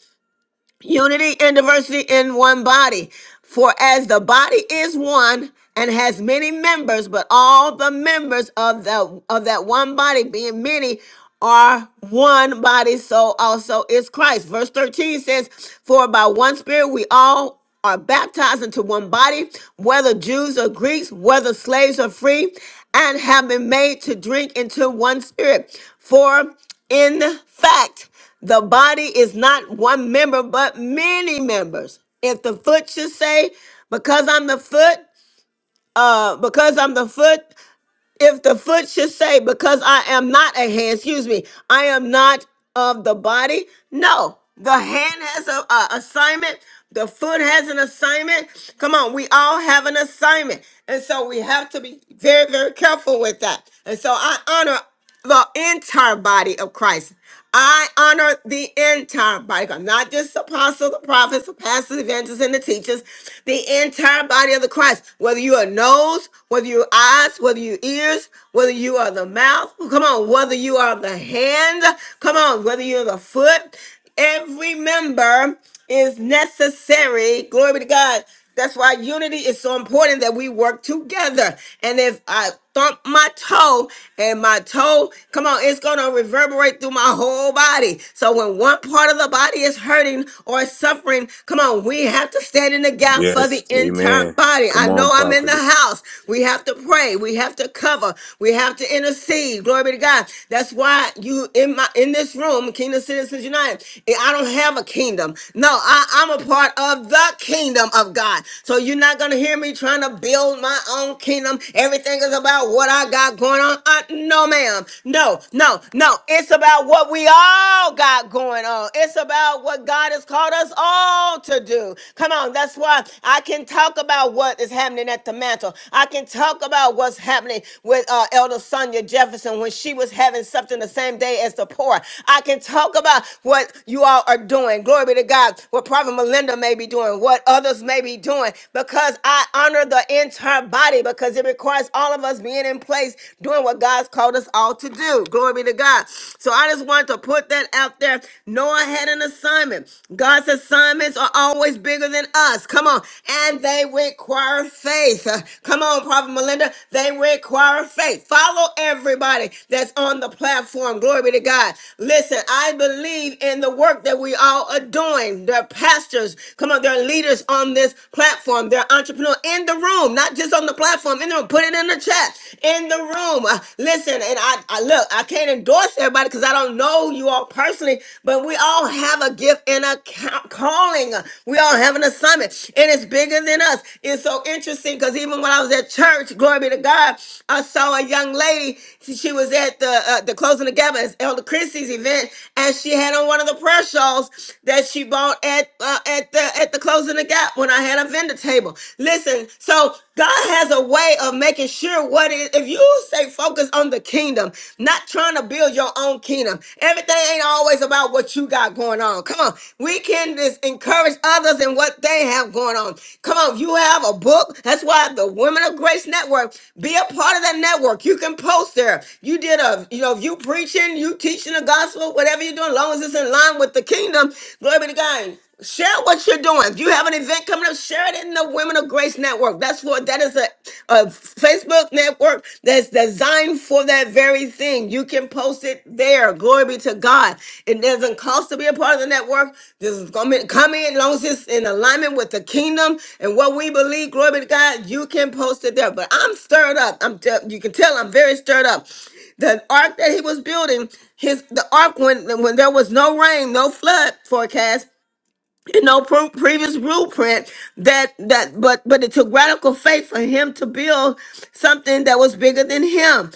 S1: Unity and diversity in one body. For as the body is one and has many members, but all the members of the of that one body being many are one body, so also is Christ. Verse 13 says, For by one spirit we all are baptized into one body, whether Jews or Greeks, whether slaves or free, and have been made to drink into one spirit. For in fact, the body is not one member, but many members. If the foot should say, because I'm the foot, uh, because I'm the foot, if the foot should say, because I am not a hand, excuse me, I am not of the body. No, the hand has a, a assignment. The foot has an assignment. Come on, we all have an assignment. And so we have to be very, very careful with that. And so I honor the entire body of Christ. I honor the entire body, of God, not just the apostles, the prophets, the pastors, evangelists, and the teachers. The entire body of the Christ. Whether you are nose, whether you are eyes, whether you ears, whether you are the mouth. Come on, whether you are the hand. Come on, whether you're the foot. Every member is necessary. Glory to God. That's why unity is so important that we work together. And if I thump my toe and my toe, come on, it's going to reverberate through my whole body. So when one part of the body is hurting or suffering, come on, we have to stand in the gap for
S13: Yes.
S1: the entire
S13: Amen.
S1: body. I
S13: Come
S1: know
S13: on,
S1: I'm in
S13: prophet.
S1: the house. We have to pray. We have to cover. We have to intercede. Glory Glory to God. That's why you in my in this room, Kingdom Citizens United. eh, I don't have a kingdom. No, I, I'm a part of the kingdom of God. So you're not gonna hear me trying to build my own kingdom. Everything is about what I got going on. Uh, no, ma'am. No, no, no. It's about what we all got going on. It's about what God has called us all to do. Come on, that's why I can talk about what is happening at the mantle battle. I can talk about what's happening with uh, Elder Sonia Jefferson when she was having something the same day as the poor. I can talk about what you all are doing. Glory be to God. What Prophet Melinda may be doing, what others may be doing, because I honor the entire body because it requires all of us being in place doing what God's called us all to do. Glory be to God. So I just wanted to put that out there. Noah had an assignment. God's assignments are always always bigger than us. Come on. And they require faith. Uh, Come on, Prophet Melinda. They require faith. Follow everybody that's on the platform. Glory be to God. Listen, I believe in the work that we all are doing. They're pastors. Come on, they're leaders on this platform. They're entrepreneurs in the room, not just on the platform. In the room. Put it in the chat. In the room. Uh, Listen, and I, I look, I can't endorse everybody because I don't know you all Lord personally, but we all have a gift and a ca- calling. We all have an assignment, and it's bigger than us. It's so interesting because even when I was at church, glory be to God, I saw a young lady. She was at the uh, the closing of Gavin's Elder Christie's event, and she had on one of the prayer shawls that she bought at uh, at the at the closing of Gap when I had a vendor table. Listen, so God has a way of making sure what is. If you say stay focused on the kingdom, not trying to build your own kingdom. Everything ain't always about what you got going on. Come on. We can just encourage others in what they have going on. Come on. You have a book. That's why the Women of Grace Network, be a part of that network. You can post there. You did a, you know, if you preaching, you teaching the gospel, whatever you're doing, as long as it's in line with the kingdom, glory be to God. Share what you're doing. If you have an event coming up, share it in the Women of Grace Network. That's what that is a, a Facebook network that's designed for that very thing. You can post it there. Glory be to God. It doesn't cost to be a part of the network. This is gonna be- come in as long as it's in alignment with the kingdom and what we believe. Glory be to God. You can post it there. But I'm stirred up. I'm te- you can tell I'm very stirred up the ark that he was building his the ark when when there was no rain no flood forecast you know pre- previous blueprint that that but but it took radical faith for him to build something that was bigger than him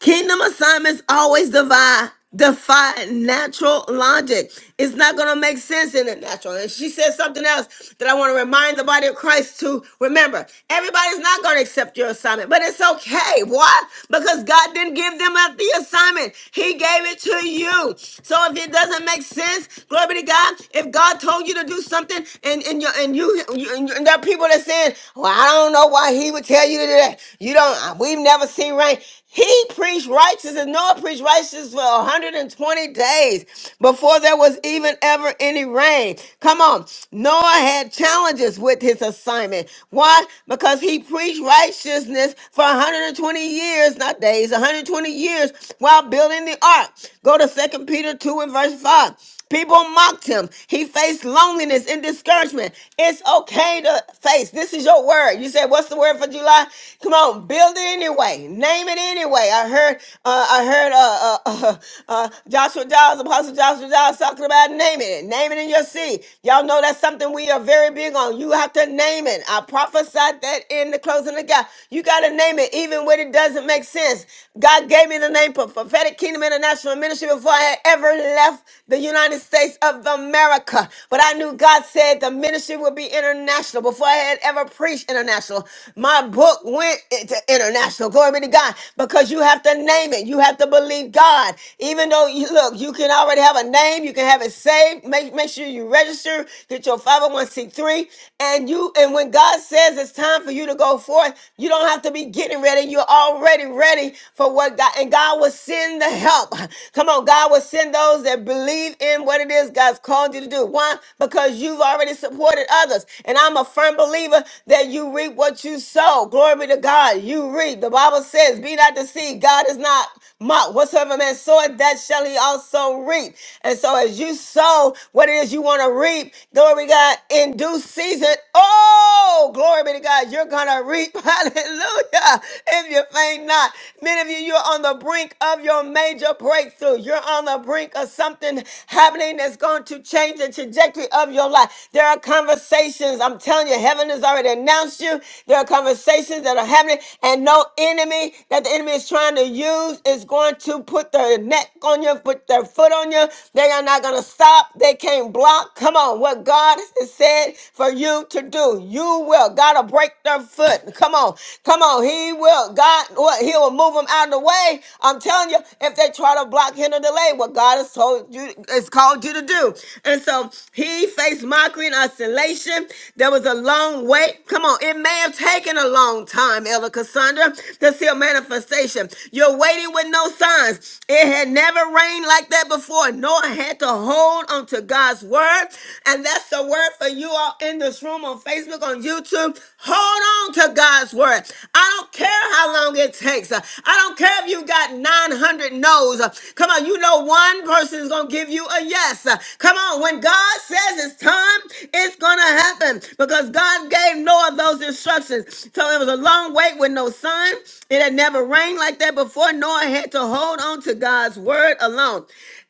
S1: Kingdom assignments always defy defy natural logic. It's not gonna make sense in the natural. And she said something else that I want to remind the body of Christ to remember. Everybody's not gonna accept your assignment, but it's okay. Why? Because God didn't give them a- the assignment, He gave it to you. So if it doesn't make sense, glory be to God. If God told you to do something and, and you and you and, you- and there are people that saying, Well, I don't know why he would tell you to do that. You don't we've never seen rain. He preached righteousness, and Noah preached righteousness for 120 days before there was even ever any rain. Come on. Noah had challenges with his assignment. Why? Because he preached righteousness for 120 years, not days, 120 years while building the ark. Go to Second Peter 2 and verse 5. People mocked him. He faced loneliness and discouragement. It's okay to face. This is your word. You said, "What's the word for July?" Come on, build it anyway. Name it anyway. I heard, uh, I heard uh, uh, [laughs] uh, uh, Joshua Giles, Apostle Joshua Giles, talking about naming it. Name it in your seed. Y'all know that's something we are very big on. You have to name it. I prophesied that in the closing of God. You got to name it, even when it doesn't make sense. God gave me the name for prophetic kingdom international international ministry before I had ever left the United States of America. But I knew God said the ministry would be international before I had ever preached international. My book went into international. Glory be to God. Because you have to name it. You have to believe God. Even though you look, you can already have a name, you can have it saved. Make make sure you register, get your 501c3. And you and when God says it's time for you to go forth, you don't have to be getting ready. You're already ready for what God and God will send the help. Come on, God will send those that believe in what it is God's called you to do. Why? Because you've already supported others. And I'm a firm believer that you reap what you sow. Glory be to God. You reap. The Bible says, Be not deceived. God is not mocked. Whatsoever man soweth, that shall he also reap. And so as you sow what it is you want to reap, glory to God, in due season, Oh, glory be to God. You're going to reap. [laughs] Hallelujah. If you faint not. Many of you, you're on the brink of your major breakthrough. You're on the brink of something happening that's going to change the trajectory of your life. There are conversations. I'm telling you, heaven has already announced you. There are conversations that are happening, and no enemy that the enemy is trying to use is going to put their neck on you, put their foot on you. They are not going to stop. They can't block. Come on. What God Christ has said for you to do. You will. God will break their foot. Come on. Come on. He will. God, what? He will move them out of the way. I'm telling you, if they try to block, hinder, delay what God has told you, has called you to do. And so he faced mockery and isolation. There was a long wait. Come on. It may have taken a long time, Elder Cassandra, to see a manifestation. You're waiting with no signs. It had never rained like that before, nor had to hold onto God's word. And that's the word for you all in this room on Facebook, on YouTube. Hold on to God's word. I don't care how long it takes. I don't care if you got 900 no's. Come on, you know one person is going to give you a yes. Come on, when God says it's time, it's going to happen because God gave Noah those instructions. So it was a long wait with no sun. It had never rained like that before. Noah had to hold on to God's word alone.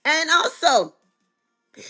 S1: And also,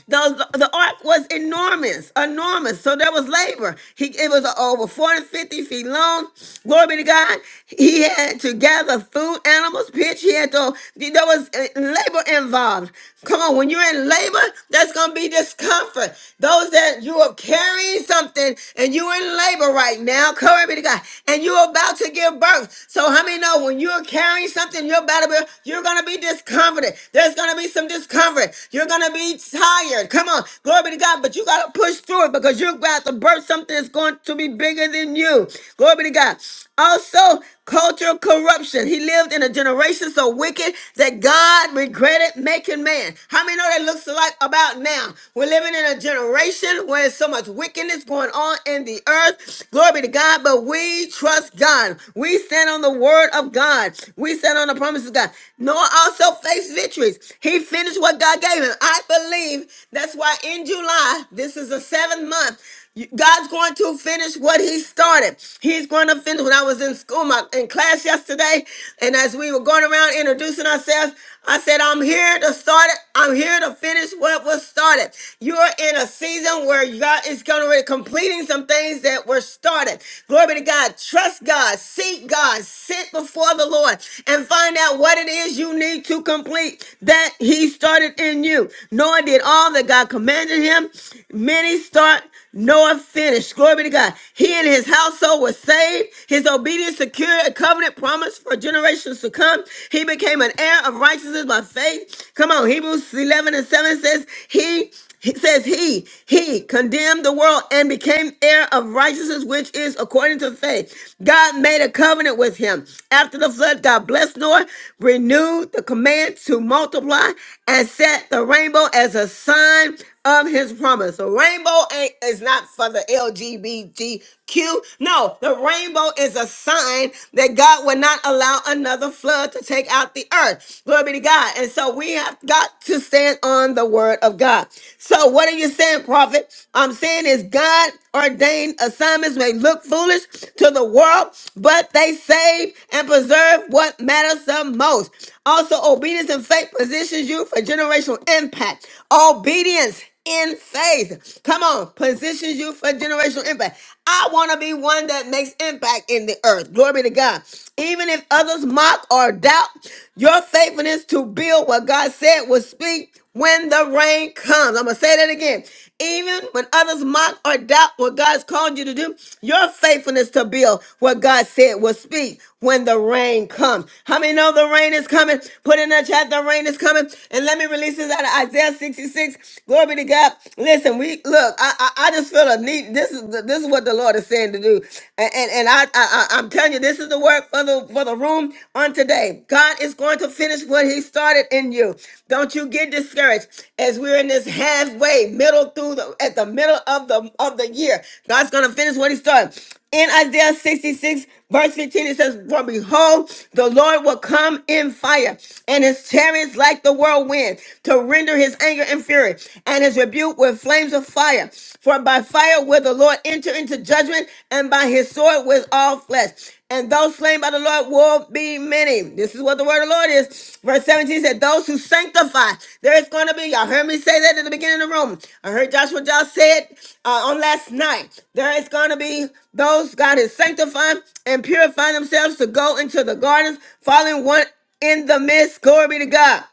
S1: the, the ark was enormous, enormous. So there was labor. He, it was over 450 feet long. Glory be to God. He had to gather food, animals, pitch. He had to, there was uh, labor involved. Come on, when you're in labor, that's going to be discomfort. Those that you are carrying something and you're in labor right now, glory be to God, and you're about to give birth. So how many know when you're carrying something, you're about to be, you're going to be discomforted. There's going to be some discomfort. You're going to be tired tired. Come on. Glory be to God. But you got to push through it because you're about to birth something that's going to be bigger than you. Glory be to God. Also, cultural corruption. He lived in a generation so wicked that God regretted making man. How many know that looks like about now? We're living in a generation where there's so much wickedness going on in the earth. Glory be to God. But we trust God. We stand on the word of God. We stand on the promises of God. Noah also faced victories. He finished what God gave him believe. That's why in July, this is the seventh month. you- God's going to finish what He started. He's going to finish. When I was in school, my, in class yesterday, and as we were going around introducing ourselves, I said, I'm here to start it. I'm here to finish what was started. You're in a season where God is going to be completing some things that were started. Glory be to God. Trust God. Seek God. Sit before the Lord and find out what it is you need to complete that He started in you do. Noah did all that God commanded him. Many start, Noah finished. Glory be to God. He and his household were saved. His obedience secured a covenant promise for generations to come. He became an heir of righteousness by faith. Come on, Hebrews 11 and 7 says, He it says he, he condemned the world and became heir of righteousness, which is according to faith. God made a covenant with him. After the flood, God blessed Noah, renewed the command to multiply, and set the rainbow as a sign of his promise. The rainbow ain't is not for the LGBTQ. No, the rainbow is a sign that God will not allow another flood to take out the earth. Glory be to God. And so we have got to stand on the word of God. So what are you saying, prophet? I'm saying is God ordained assignments may look foolish to the world, but they save and preserve what matters the most. Also, obedience in faith positions you for generational impact. Obedience in faith. Come on, positions you for generational impact. I want to be one that makes impact in the earth. Glory be to God. Even if others mock or doubt, your faithfulness to build what God said will speak when the rain comes. I'm going to say that again. Even when others mock or doubt what what God's called you to do, your faithfulness to build what God said will speak when the rain comes. How many know the rain is coming? Put in the chat, the rain is coming. And let me release this out of Isaiah 66. Glory be to God. Listen, we look, I I, I just feel a need. This is the, this is what the Lord is saying to do. And and, and I, I I- I'm telling you, this is the work for the for the room on today. God is going to finish what what he started in you. Don't you get discouraged as we're in this halfway, middle through the at the middle of the of the year. God's gonna finish what he started. In Isaiah 66, verse 15, it says, For behold, the Lord will come in fire, and his chariots like the whirlwind, to render his anger and fury, and his rebuke with flames of fire. For by fire will the Lord enter into judgment, and by his sword with all flesh and those slain by the Lord will be many. This is what the word of the Lord is. Verse 17 said, Those who sanctify, there is going to be, y'all heard me say that in the beginning of the room. I heard Joshua Josh say it uh, on last night. There is going to be those God is sanctifying and purifying themselves to go into the gardens, falling one in the midst. Glory be to God.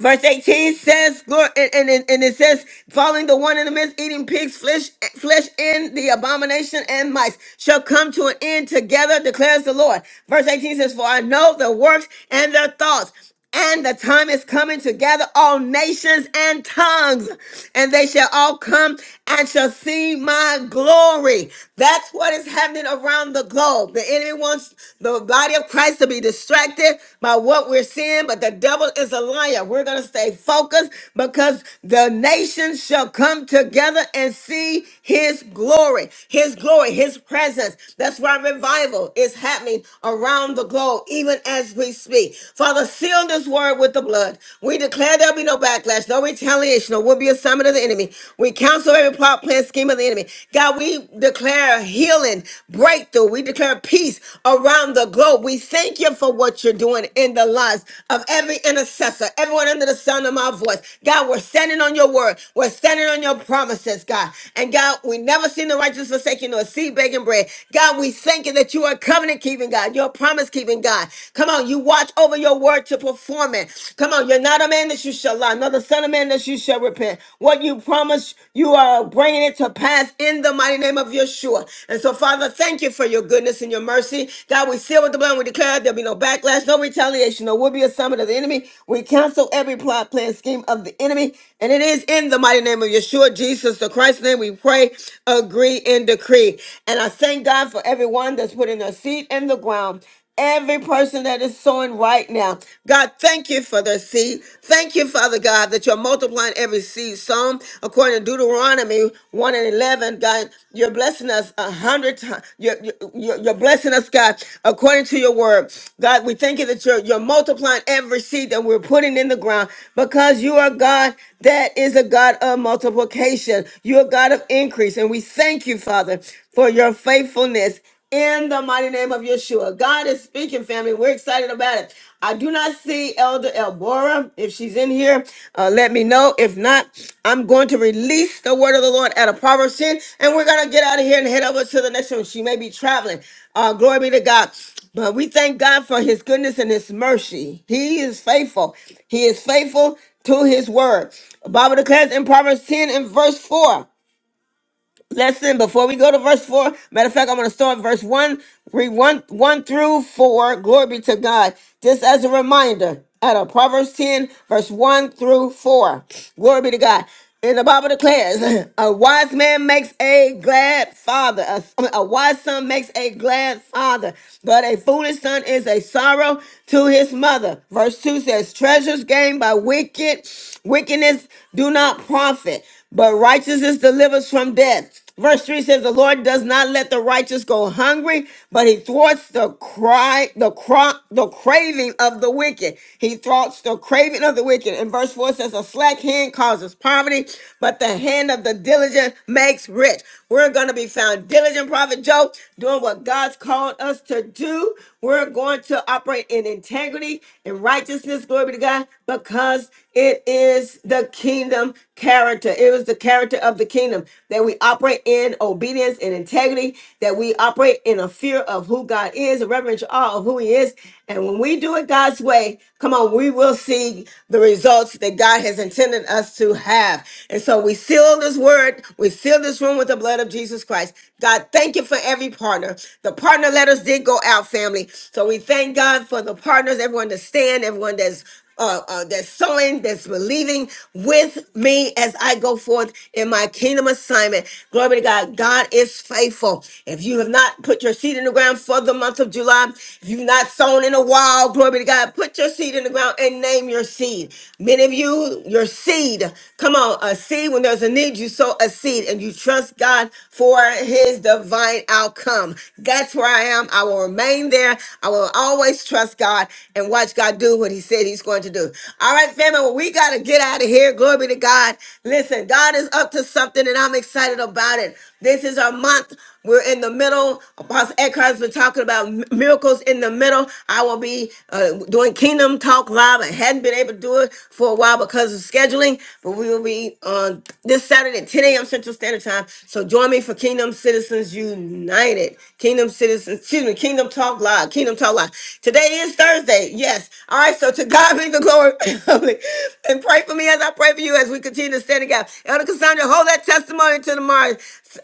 S1: Verse 18 says, glory, and, and, and and it says, following the one in the midst, eating pigs, flesh, flesh in the abomination and mice shall come to an end together, declares the Lord. Verse 18 says, For I know their works and their thoughts. And the time is coming to gather all nations and tongues, and they shall all come and shall see my glory. That's what is happening around the globe. The enemy wants the body of give Christ to be distracted by what we're seeing, but the devil is a liar. We're going to stay focused because the nations shall come together and see his glory, his glory, his presence. That's why revival is happening around the globe, even as we speak. Father, seal this word with the blood. We declare there'll be no backlash, no retaliation, or will be a summit of the enemy. We counsel every plot, plan, scheme of the enemy. God, we declare declare healing, breakthrough. We declare peace around the globe. We thank you for what you're doing in the lives of every intercessor, everyone under the sound of my voice. God, we're standing on your word. We're standing on your promises, God. And God, we never seen the righteous forsaken nor seed begging bread. God, we thank you that you are covenant keeping, God. You're promise keeping, God. Come on, you watch over your word to perform it. Come on, you're not a man that you shall lie, nor the son of man that you shall repent repent. What you promised, you are bringing it to pass in the mighty name of Yeshua. And so, Father, thank you for your goodness and your mercy. God, we seal with the blood. We declare there'll be no backlash, no retaliation, no will be a summit of the enemy. We cancel every plot, plan, scheme of the enemy. And it is in the mighty name of Yeshua, Jesus the Christ's name, we pray, agree, and decree. And I thank God for everyone that's putting their seed in the ground Every person that is sowing right now. God, thank you for the seed. Thank you, Father God, that you're multiplying every seed sown. According to Deuteronomy 1 and 11, God, you're blessing us a hundred times. You're, you're, you're blessing us, God, according to your word. God, we thank you that you're, you're multiplying every seed that we're putting in the ground because you are God that is a God of multiplication. You're a God of increase. And we thank you, Father, for your faithfulness in the mighty name of Yeshua. God is speaking, family. We're excited about it. I do not see Elder Elbora. If she's in here, uh, let me know. If not, I'm going to release the word of the Lord at a Proverbs 10, and we're going to get out of here and head over to the next room. She may be traveling. Uh, glory be to God. But we thank God for his goodness and his mercy. He is faithful. He is faithful to his word. The Bible declares in Proverbs 10 and verse 4. Listen, before we go to verse 4, matter of fact, I'm going to start verse 1, read 1, 1 through 4. Glory be to God. Just as a reminder, out of Proverbs 10, verse 1 through 4. Glory be to God. And the Bible declares, [laughs] [clears throat] a wise man makes a glad father. A, I mean, a wise son makes a glad father, but a foolish son is a sorrow to his mother. Verse 2 says, treasures gained by wicked wickedness do not profit, but righteousness delivers from death. Verse 3 says, The Lord does not let the righteous go hungry, but he thwarts the cry, the cro- the craving of the wicked. He thwarts the craving of the wicked. And verse 4 says, A slack hand causes poverty, but the hand of the diligent makes rich. We're going to be found diligent, Prophet Joe, doing what God's called us to do. We're going to operate in integrity and righteousness, glory be to God, because it is the kingdom character. It was the character of the kingdom that we operate in obedience and integrity, that we operate in a fear of who God is, a reverential awe of who He is. And when we do it God's way, come on, we will see the results that God has intended us to have. And so we seal this word, we seal Seal this room with the blood of Jesus Christ. God, thank you for every partner. The partner letters did go out, family. So we thank God for the partners, everyone that's stand, everyone that's uh, uh, that's sowing, that's believing with me as I go forth in my kingdom assignment. Glory be to God. God is faithful. If you have not put your seed in the ground for the month of July, if you've not sown in a while, glory be to God, put your seed in the ground and name your seed. Many of you, your seed, come on, a seed when there's a need, you sow sow a seed and you trust God for his divine outcome. That's where I am. I will remain there. I will always trust God and watch God do what he said he's going to do. All right, family, well, we got to get out of here. Glory be to God. Listen, God is up to something and I'm excited about it. This is our month we're in the middle. Apostle Eckhart's been talking about mi- miracles in the middle. I will be uh, doing Kingdom Talk Live. I hadn't been able to do it for a while because of scheduling, but we will be on this Saturday at 10 a.m. Central Standard Time. So join me for Kingdom Citizens United. Kingdom Citizens, excuse me, Kingdom Talk Live. Kingdom Talk Live. Today is Thursday. Yes. All right. So to God be the glory. [laughs] and pray for me as I pray for you as we continue to stand in the gap. Elder Sandra, hold that testimony to tomorrow.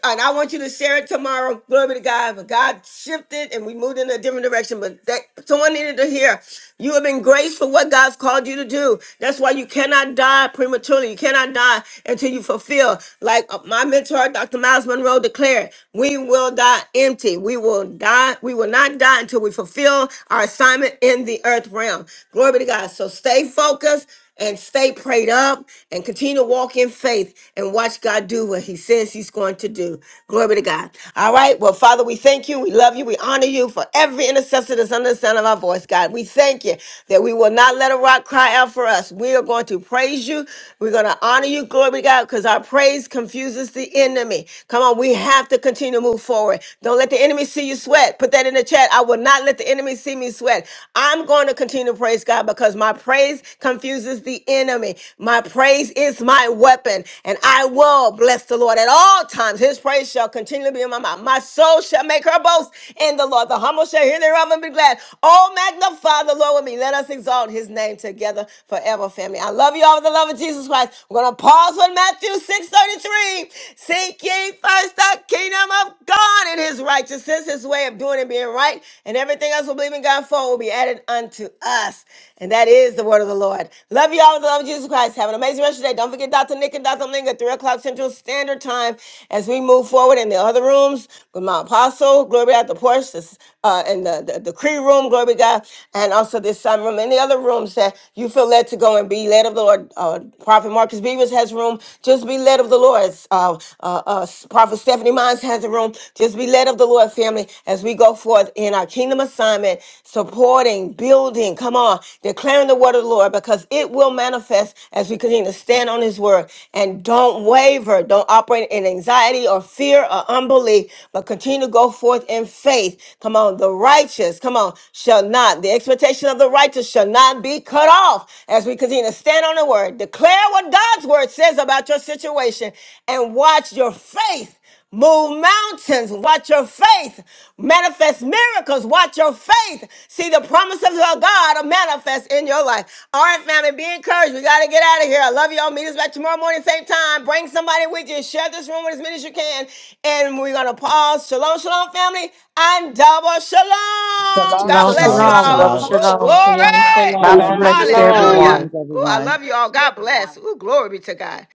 S1: And I want you to share it tomorrow. Glory be to God. But God shifted and we moved in a different direction. But that someone needed to hear. You have been graced for what God's called you to do. That's why you cannot die prematurely. You cannot die until you fulfill. Like uh, my mentor, Dr. Miles Monroe, declared, we will die empty. We will die. We will not die until we fulfill our assignment in the earth realm. Glory be to God. So stay focused and stay prayed up and continue to walk in faith and watch God do what he says he's going to do. Glory to God. All right. Well, Father, we thank you. We love you. We honor you for every intercessor that's under the sound of our voice, God. We thank you that we will not let a rock cry out for us. We are going to praise you. We're going to honor you. Glory to God because our praise confuses the enemy. Come on. We have to continue to move forward. Don't let the enemy see you sweat. Put that in the chat. I will not let the enemy see me sweat. I'm going to continue to praise God because my praise confuses the enemy. My praise is my weapon, and I will bless the Lord at all times. His praise shall continually be in my mouth. My soul shall make her boast in the Lord. The humble shall hear thereof and be glad. Oh, magnify the Lord with me. Let us exalt his name together forever, family. I love you all with the love of Jesus Christ. We're going to pause on Matthew six thirty-three, 33. Seek ye first the kingdom of God and his righteousness is his way of doing and being right, and everything else we believe in God for will be added unto us. And that is the word of the Lord. Love you all with the love of Jesus Christ. Have an amazing rest of your day. Don't forget Dr. Nick and Dr. Ling at 3 o'clock Central Standard Time as we move forward in the other rooms with my apostle, glory be to God, the porch, this, uh, and the, the the decree room, glory be to God, and also this sun room and the other rooms that you feel led to go and be led of the Lord. Uh, Prophet Marcus Beavers has room. Just be led of the Lord. Uh, uh, uh, uh, Prophet Stephanie Mines has a room. Just be led of the Lord, family, as we go forth in our kingdom assignment, supporting, building, come on, declaring the word of the Lord because it will manifest as we continue to stand on his word and don't waver, don't operate in anxiety or fear or unbelief, but continue to go forth in faith. Come on, the righteous, come on, shall not, the expectation of the righteous shall not be cut off as we continue to stand on the word, declare what what God's word says about your situation and watch your faith move mountains. Watch your faith manifest miracles. Watch your faith see the promises of God manifest in your life. All right, family, be encouraged. We got to get out of here. I love y'all. Meet us back tomorrow morning, same time. Bring somebody with you. Share this room with as many as you can. And we're going to pause. Shalom, shalom, family, and double shalom.
S3: Shalom,
S1: God
S14: Shalom,
S1: bless
S3: shalom,
S1: you
S15: Shalom,
S14: shalom,
S1: all.
S14: double
S15: shalom.
S1: Woo,
S3: shalom.
S14: shalom.
S16: Shalom,
S1: glory.
S14: Bountiful
S16: shalom.
S17: Shalom,
S16: Peace
S14: blessings to
S16: and
S17: shalom.
S14: everyone.
S1: Hallelujah.
S16: blessings,
S1: Ooh, I
S16: everyone.
S1: love you all. God bless. Ooh, glory be to God.